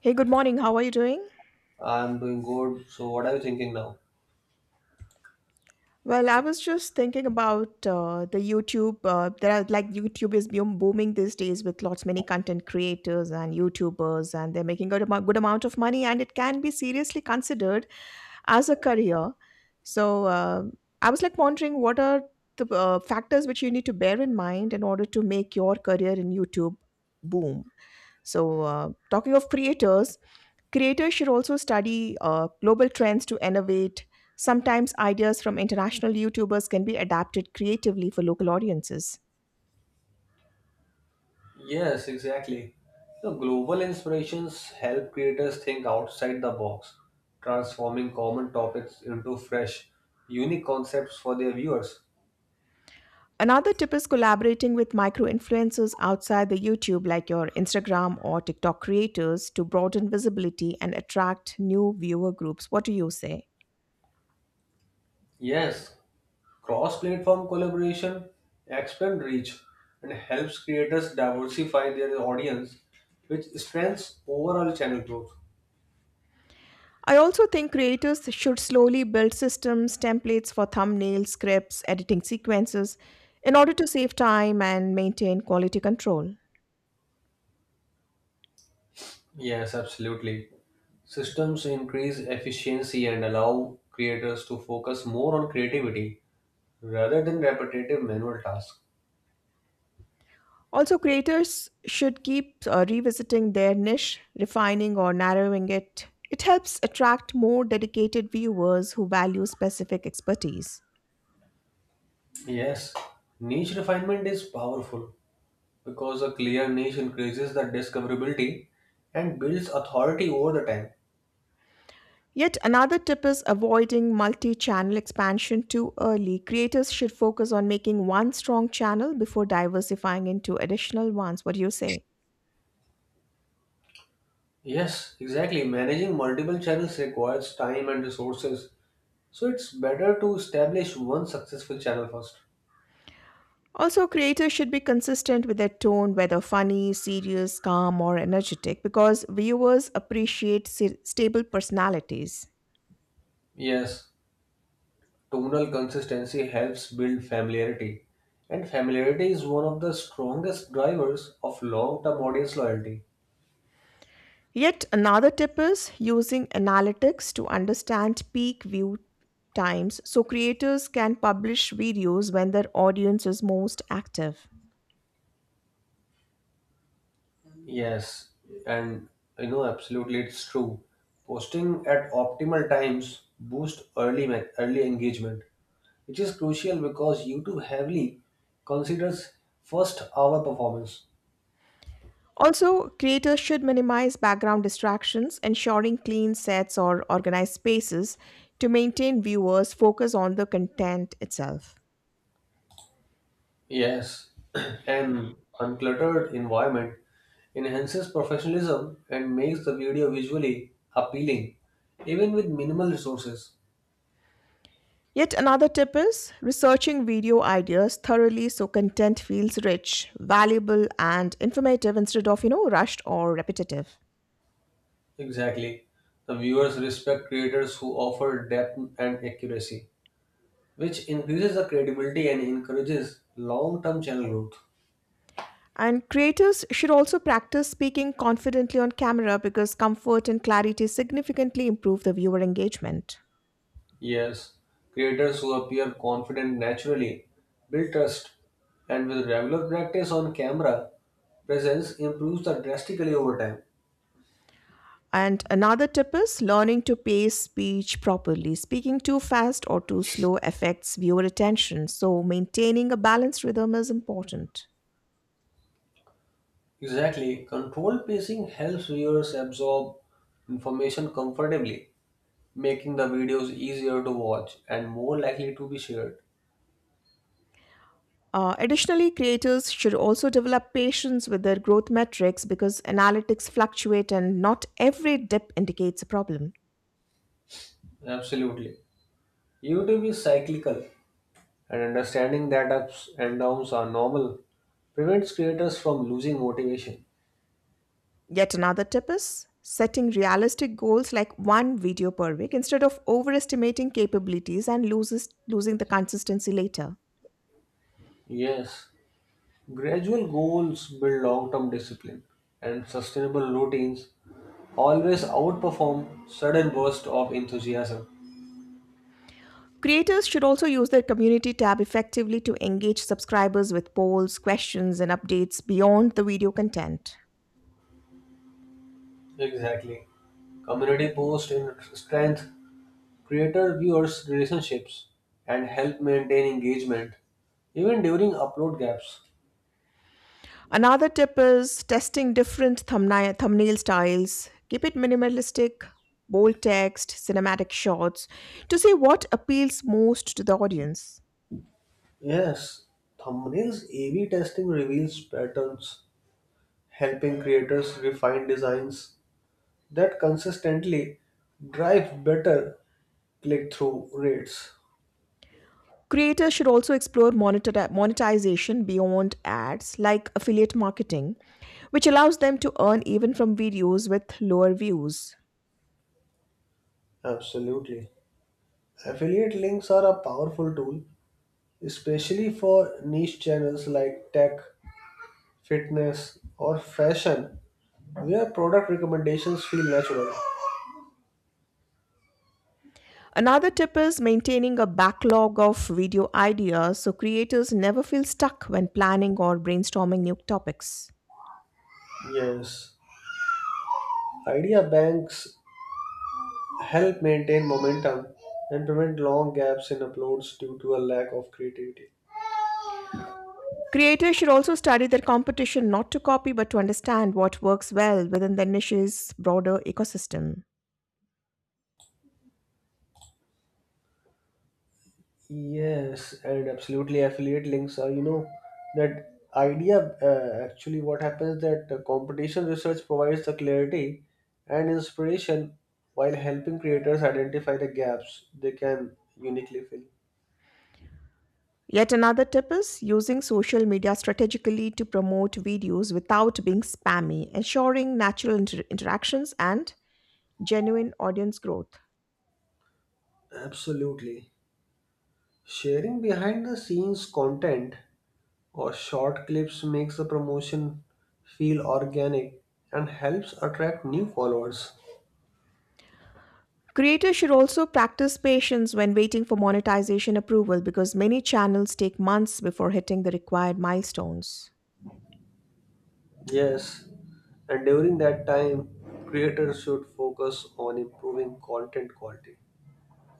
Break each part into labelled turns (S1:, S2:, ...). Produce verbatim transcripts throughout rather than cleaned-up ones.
S1: Hey, good morning. How are you doing?
S2: I'm doing good. So, what are you thinking now?
S1: Well, I was just thinking about uh, the YouTube. Uh, there are like YouTube is boom- booming these days with lots many content creators and YouTubers, and they're making a good amou- good amount of money, and it can be seriously considered as a career. So uh, I was like wondering what are the uh, factors which you need to bear in mind in order to make your career in YouTube boom. So uh, talking of creators, creators should also study uh, global trends to innovate. Sometimes ideas from international YouTubers can be adapted creatively for local audiences.
S2: Yes, exactly. You global inspirations help creators think outside the box, transforming common topics into fresh, unique concepts for their viewers.
S1: Another tip is collaborating with micro influencers outside the YouTube, like your Instagram or TikTok creators, to broaden visibility and attract new viewer groups. What do you say?
S2: Yes, cross platform collaboration expands reach and helps creators diversify their audience, which strengthens overall channel growth.
S1: I also think creators should slowly build systems, templates for thumbnails, scripts, editing sequences in order to save time and maintain quality control.
S2: Yes, absolutely. Systems increase efficiency and allow creators to focus more on creativity rather than repetitive manual tasks.
S1: Also, creators should keep uh, revisiting their niche, refining or narrowing it. It helps attract more dedicated viewers who value specific expertise.
S2: Yes, niche refinement is powerful because a clear niche increases the discoverability and builds authority over the time.
S1: Yet another tip is avoiding multi channel expansion too early. Creators should focus on making one strong channel before diversifying into additional ones. What do you say?
S2: Yes, exactly. Managing multiple channels requires time and resources, so it's better to establish one successful channel first.
S1: Also, creators should be consistent with their tone, whether funny, serious, calm, or energetic, because viewers appreciate se- stable personalities.
S2: Yes, tonal consistency helps build familiarity, and familiarity is one of the strongest drivers of long term audience loyalty.
S1: Yet another tip is using analytics to understand peak view times so creators can publish videos when their audience is most active.
S2: Yes, and you know, absolutely, it's true. Posting at optimal times boost early ma- early engagement, which is crucial because YouTube heavily considers first hour performance.
S1: Also, creators should minimize background distractions, ensuring clean sets or organized spaces to maintain viewers focus on the content itself.
S2: Yes, an uncluttered environment enhances professionalism and makes the video visually appealing, even with minimal resources.
S1: Yet another tip is researching video ideas thoroughly so content feels rich, valuable and informative instead of, you know, rushed or repetitive.
S2: Exactly, the viewers respect creators who offer depth and accuracy, which increases the credibility and encourages long term channel growth.
S1: And creators should also practice speaking confidently on camera because comfort and clarity significantly improve the viewer engagement.
S2: Yes, creators who appear confident naturally build trust, and with regular practice on camera, presence improves the drastically over time.
S1: And another tip is learning to pace speech properly. Speaking too fast or too slow affects viewer attention, so maintaining a balanced rhythm is important.
S2: Exactly, controlled pacing helps viewers absorb information comfortably, making the videos easier to watch and more likely to be shared.
S1: Uh, additionally, creators should also develop patience with their growth metrics because analytics fluctuate and not every dip indicates a problem.
S2: Absolutely. YouTube is cyclical, and understanding that ups and downs are normal prevents creators from losing motivation.
S1: Yet another tip is setting realistic goals like one video per week instead of overestimating capabilities and loses, losing the consistency later.
S2: Yes, gradual goals build long term discipline, and sustainable routines always outperform sudden bursts of enthusiasm.
S1: Creators should also use their community tab effectively to engage subscribers with polls, questions, and updates beyond the video content.
S2: Exactly. Community posts in strength creator viewers' relationships and help maintain engagement even during upload gaps.
S1: Another tip is testing different thumbnail, thumbnail styles. Keep it minimalistic, bold text, cinematic shots to see what appeals most to the audience.
S2: Yes, thumbnails A B testing reveals patterns helping creators refine designs that consistently drive better click through rates.
S1: Creators should also explore monetita- monetization beyond ads, like affiliate marketing, which allows them to earn even from videos with lower views.
S2: Absolutely. Affiliate links are a powerful tool, especially for niche channels like tech, fitness, or fashion, where product recommendations feel natural.
S1: Another tip is maintaining a backlog of video ideas so creators never feel stuck when planning or brainstorming new topics.
S2: Yes. Idea banks help maintain momentum and prevent long gaps in uploads due to a lack of creativity.
S1: Creators should also study their competition not to copy but to understand what works well within their niche's broader ecosystem.
S2: Yes, and absolutely affiliate links are, you know, that idea, uh, actually what happens that the competition research provides the clarity and inspiration while helping creators identify the gaps they can uniquely fill.
S1: Yet another tip is using social media strategically to promote videos without being spammy, ensuring natural inter- interactions and genuine audience growth.
S2: Absolutely. Sharing behind the scenes content or short clips makes the promotion feel organic and helps attract new followers.
S1: Creators should also practice patience when waiting for monetization approval because many channels take months before hitting the required milestones.
S2: Yes, and during that time, creators should focus on improving content quality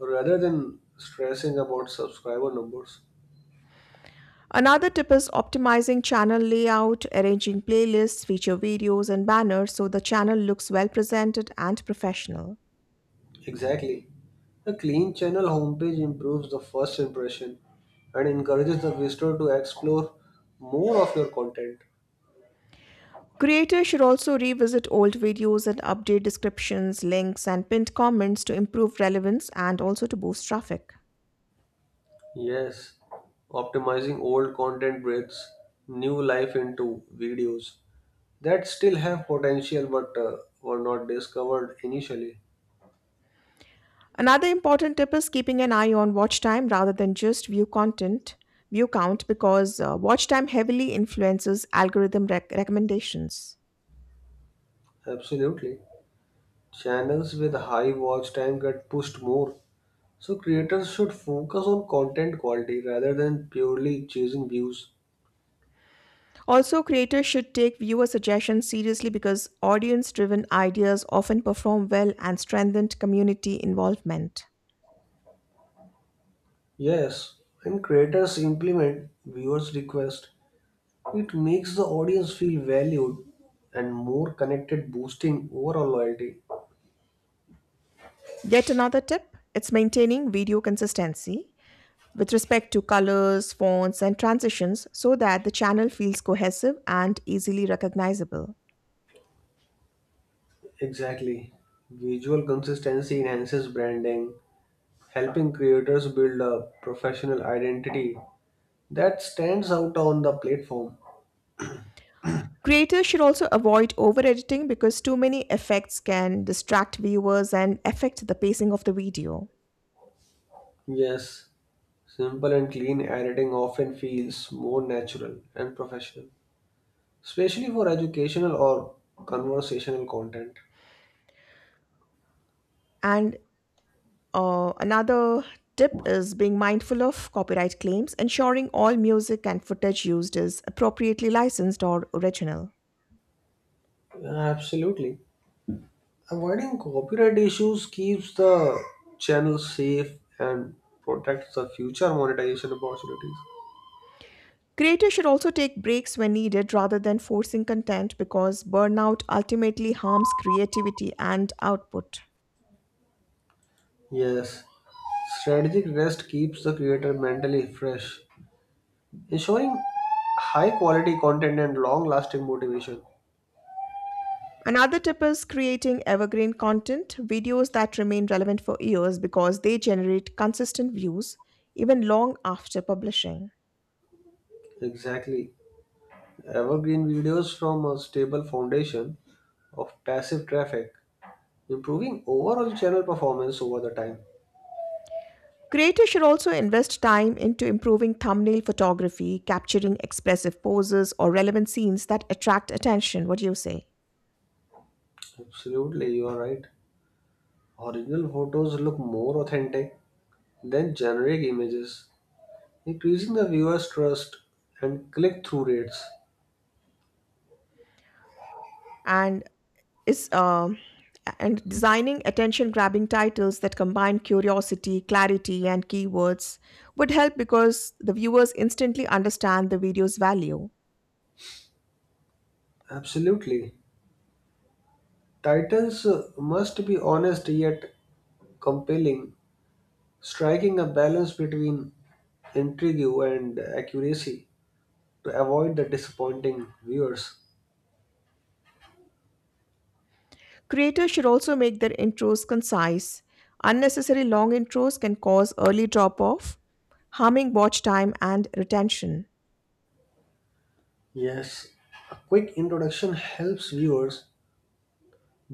S2: rather than stressing about subscriber numbers.
S1: Another tip is optimizing channel layout, arranging playlists, feature videos, and banners so the channel looks well presented and professional.
S2: Exactly. A clean channel homepage improves the first impression and encourages the visitor to explore more of your content.
S1: Creators should also revisit old videos and update descriptions, links, and pinned comments to improve relevance and also to boost traffic.
S2: Yes, optimizing old content breathes new life into videos that still have potential, but uh, were not discovered initially.
S1: Another important tip is keeping an eye on watch time rather than just view content, view count, because uh, watch time heavily influences algorithm rec- recommendations.
S2: Absolutely. Channels with high watch time get pushed more. So creators should focus on content quality rather than purely chasing views.
S1: Also, creators should take viewer suggestions seriously because audience driven ideas often perform well and strengthen community involvement.
S2: Yes, when creators implement viewers' request, it makes the audience feel valued and more connected, boosting overall loyalty.
S1: Yet another tip it's maintaining video consistency with respect to colors, fonts, and transitions so that the channel feels cohesive and easily recognizable.
S2: Exactly. Visual consistency enhances branding, helping creators build a professional identity that stands out on the platform.
S1: Creators should also avoid over editing because too many effects can distract viewers and affect the pacing of the video.
S2: Yes, simple and clean editing often feels more natural and professional, especially for educational or conversational content.
S1: And Uh, another tip is being mindful of copyright claims, ensuring all music and footage used is appropriately licensed or original.
S2: Absolutely. Avoiding copyright issues keeps the channel safe and protects the future monetization opportunities.
S1: Creators should also take breaks when needed rather than forcing content because burnout ultimately harms creativity and output.
S2: Yes, strategic rest keeps the creator mentally fresh, ensuring high quality content and long lasting motivation.
S1: Another tip is creating evergreen content, videos that remain relevant for years because they generate consistent views even long after publishing.
S2: Exactly. Evergreen videos from a stable foundation of passive traffic, improving overall channel performance over the time.
S1: Creators should also invest time into improving thumbnail photography, capturing expressive poses or relevant scenes that attract attention. What do you say?
S2: Absolutely, you are right. Original photos look more authentic than generic images, increasing the viewer's trust and click through rates.
S1: And is um and designing attention grabbing titles that combine curiosity, clarity, and keywords would help because the viewers instantly understand the video's value.
S2: Absolutely. Titles uh, must be honest yet compelling, striking a balance between intrigue and accuracy to avoid the disappointing viewers.
S1: Creators should also make their intros concise. Unnecessary long intros can cause early drop off, harming watch time and retention.
S2: Yes, a quick introduction helps viewers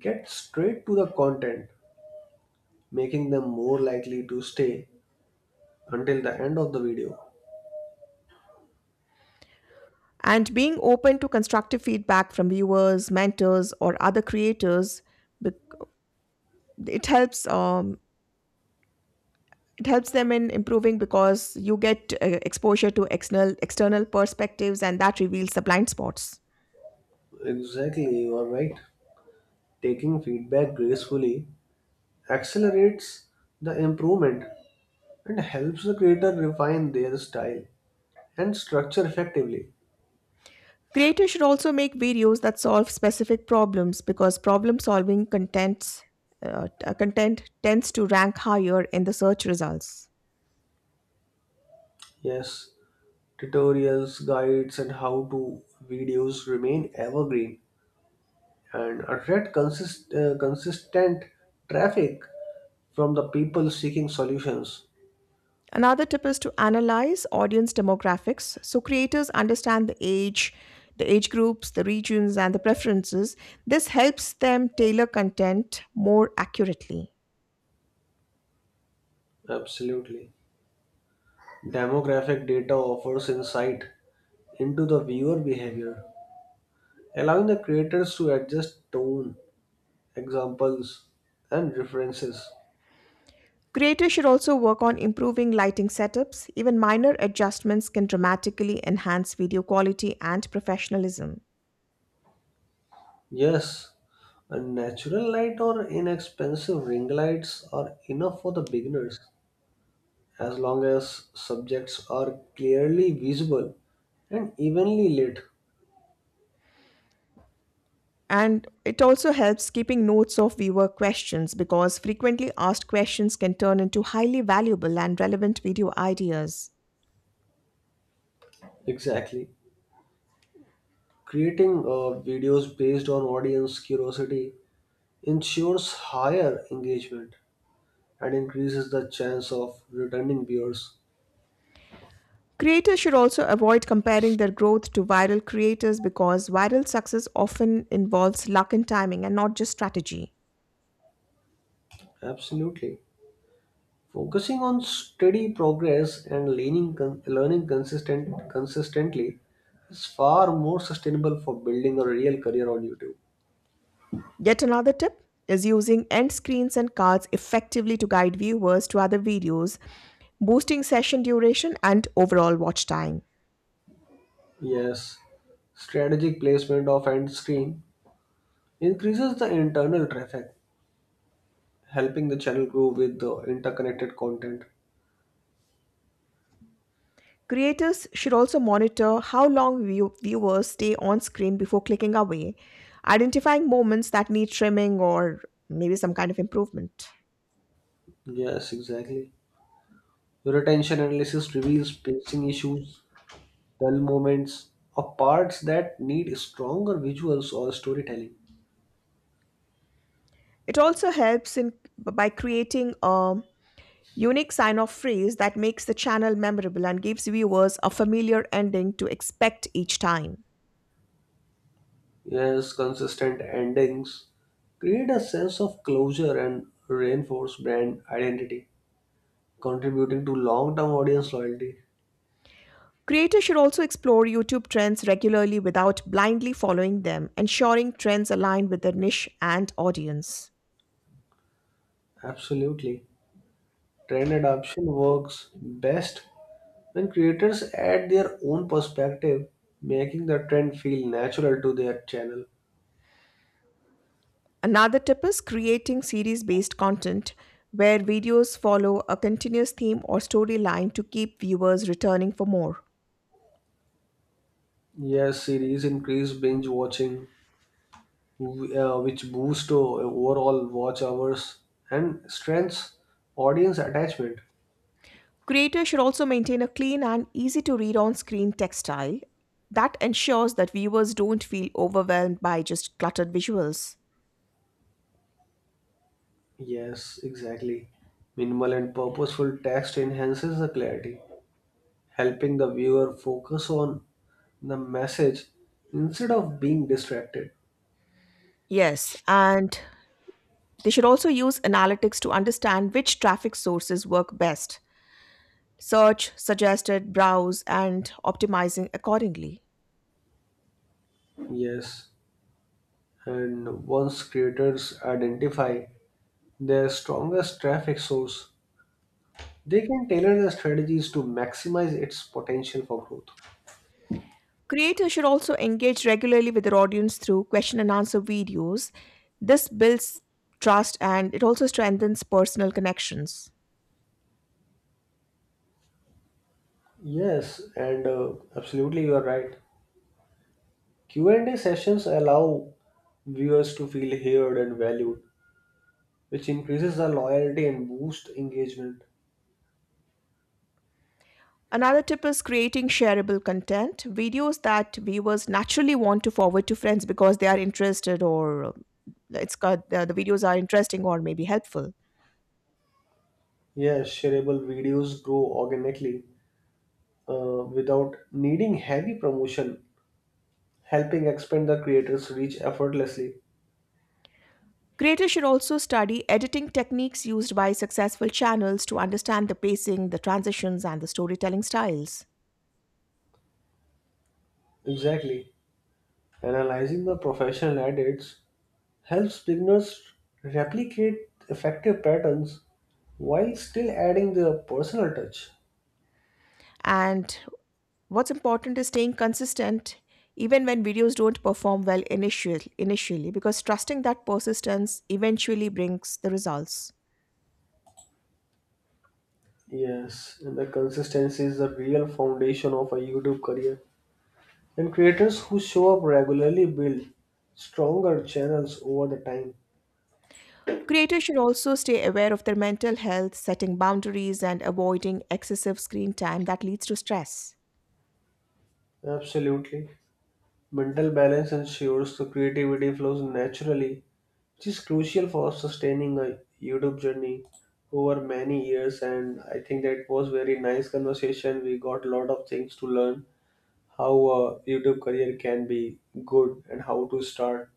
S2: get straight to the content, making them more likely to stay until the end of the video.
S1: And being open to constructive feedback from viewers, mentors, or other creators, bec- it helps. Um, it helps them in improving because you get uh, exposure to external external perspectives, and that reveals the blind spots.
S2: Exactly, you are right. Taking feedback gracefully accelerates the improvement and helps the creator refine their style and structure effectively.
S1: Creators should also make videos that solve specific problems because problem solving contents, uh, t- uh, content tends to rank higher in the search results.
S2: Yes, tutorials, guides, and how to videos remain evergreen and attract consist- uh, consistent traffic from the people seeking solutions.
S1: Another tip is to analyze audience demographics so creators understand the age, the age groups, the regions, and the preferences. This helps them tailor content more accurately.
S2: Absolutely. Demographic data offers insight into the viewer behavior, allowing the creators to adjust tone, examples, and references.
S1: Creators should also work on improving lighting setups. Even minor adjustments can dramatically enhance video quality and professionalism.
S2: Yes, a natural light or inexpensive ring lights are enough for the beginners as long as subjects are clearly visible and evenly lit.
S1: And it also helps keeping notes of viewer questions because frequently asked questions can turn into highly valuable and relevant video ideas.
S2: Exactly. Creating uh, videos based on audience curiosity ensures higher engagement and increases the chance of returning viewers.
S1: Creators should also avoid comparing their growth to viral creators because viral success often involves luck and timing and not just strategy.
S2: Absolutely. Focusing on steady progress and learning, con- learning consistent, consistently is far more sustainable for building a real career on YouTube.
S1: Yet another tip is using end screens and cards effectively to guide viewers to other videos, boosting session duration and overall watch time.
S2: Yes, strategic placement of end screen increases the internal traffic, helping the channel grow with the interconnected content.
S1: Creators should also monitor how long view- viewers stay on screen before clicking away, identifying moments that need trimming or maybe some kind of improvement.
S2: Yes, exactly. Retention analysis reveals pacing issues, dull moments, or parts that need stronger visuals or storytelling.
S1: It also helps in by creating a unique sign-off phrase that makes the channel memorable and gives viewers a familiar ending to expect each time.
S2: Yes, consistent endings create a sense of closure and reinforce brand identity, contributing to long term audience loyalty.
S1: Creators should also explore YouTube trends regularly without blindly following them, ensuring trends align with their niche and audience.
S2: Absolutely. Trend adoption works best when creators add their own perspective, making the trend feel natural to their channel.
S1: Another tip is creating series based content where videos follow a continuous theme or storyline to keep viewers returning for more.
S2: Yes, series increase binge watching, uh, which boost o- overall watch hours and strengths audience attachment.
S1: Creators should also maintain a clean and easy to read on screen text style that ensures that viewers don't feel overwhelmed by just cluttered visuals.
S2: Yes, exactly. Minimal and purposeful text enhances the clarity, helping the viewer focus on the message instead of being distracted.
S1: Yes, and they should also use analytics to understand which traffic sources work best. Search, suggested, browse, and optimizing accordingly.
S2: Yes, and once creators identify their strongest traffic source, they can tailor their strategies to maximize its potential for growth.
S1: Creators should also engage regularly with their audience through question and answer videos. This builds trust and it also strengthens personal connections.
S2: Yes, and uh, absolutely you are right. Q and A sessions allow viewers to feel heard and valued, which increases the loyalty and boosts engagement.
S1: Another tip is creating shareable content, videos that viewers naturally want to forward to friends because they are interested or uh, it's got the, the videos are interesting or maybe helpful.
S2: Yes, shareable videos grow organically uh, without needing heavy promotion, helping expand the creator's reach effortlessly.
S1: Creators should also study editing techniques used by successful channels to understand the pacing, the transitions, and the storytelling styles.
S2: Exactly. Analyzing the professional edits helps beginners replicate effective patterns while still adding their personal touch.
S1: And what's important is staying consistent even when videos don't perform well initial, initially, because trusting that persistence eventually brings the results.
S2: Yes, and the consistency is the real foundation of a YouTube career. And creators who show up regularly build stronger channels over the time.
S1: Creators should also stay aware of their mental health, setting boundaries, and avoiding excessive screen time that leads to stress.
S2: Absolutely. Mental balance ensures the creativity flows naturally, which is crucial for sustaining a YouTube journey over many years. And I think that was very nice conversation. We got a lot of things to learn how a YouTube career can be good and how to start.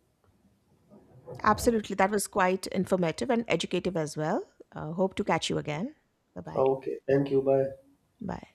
S1: Absolutely. That was quite informative and educative as well. Uh, hope to catch you again. Bye bye.
S2: Okay, thank you. Bye.
S1: Bye.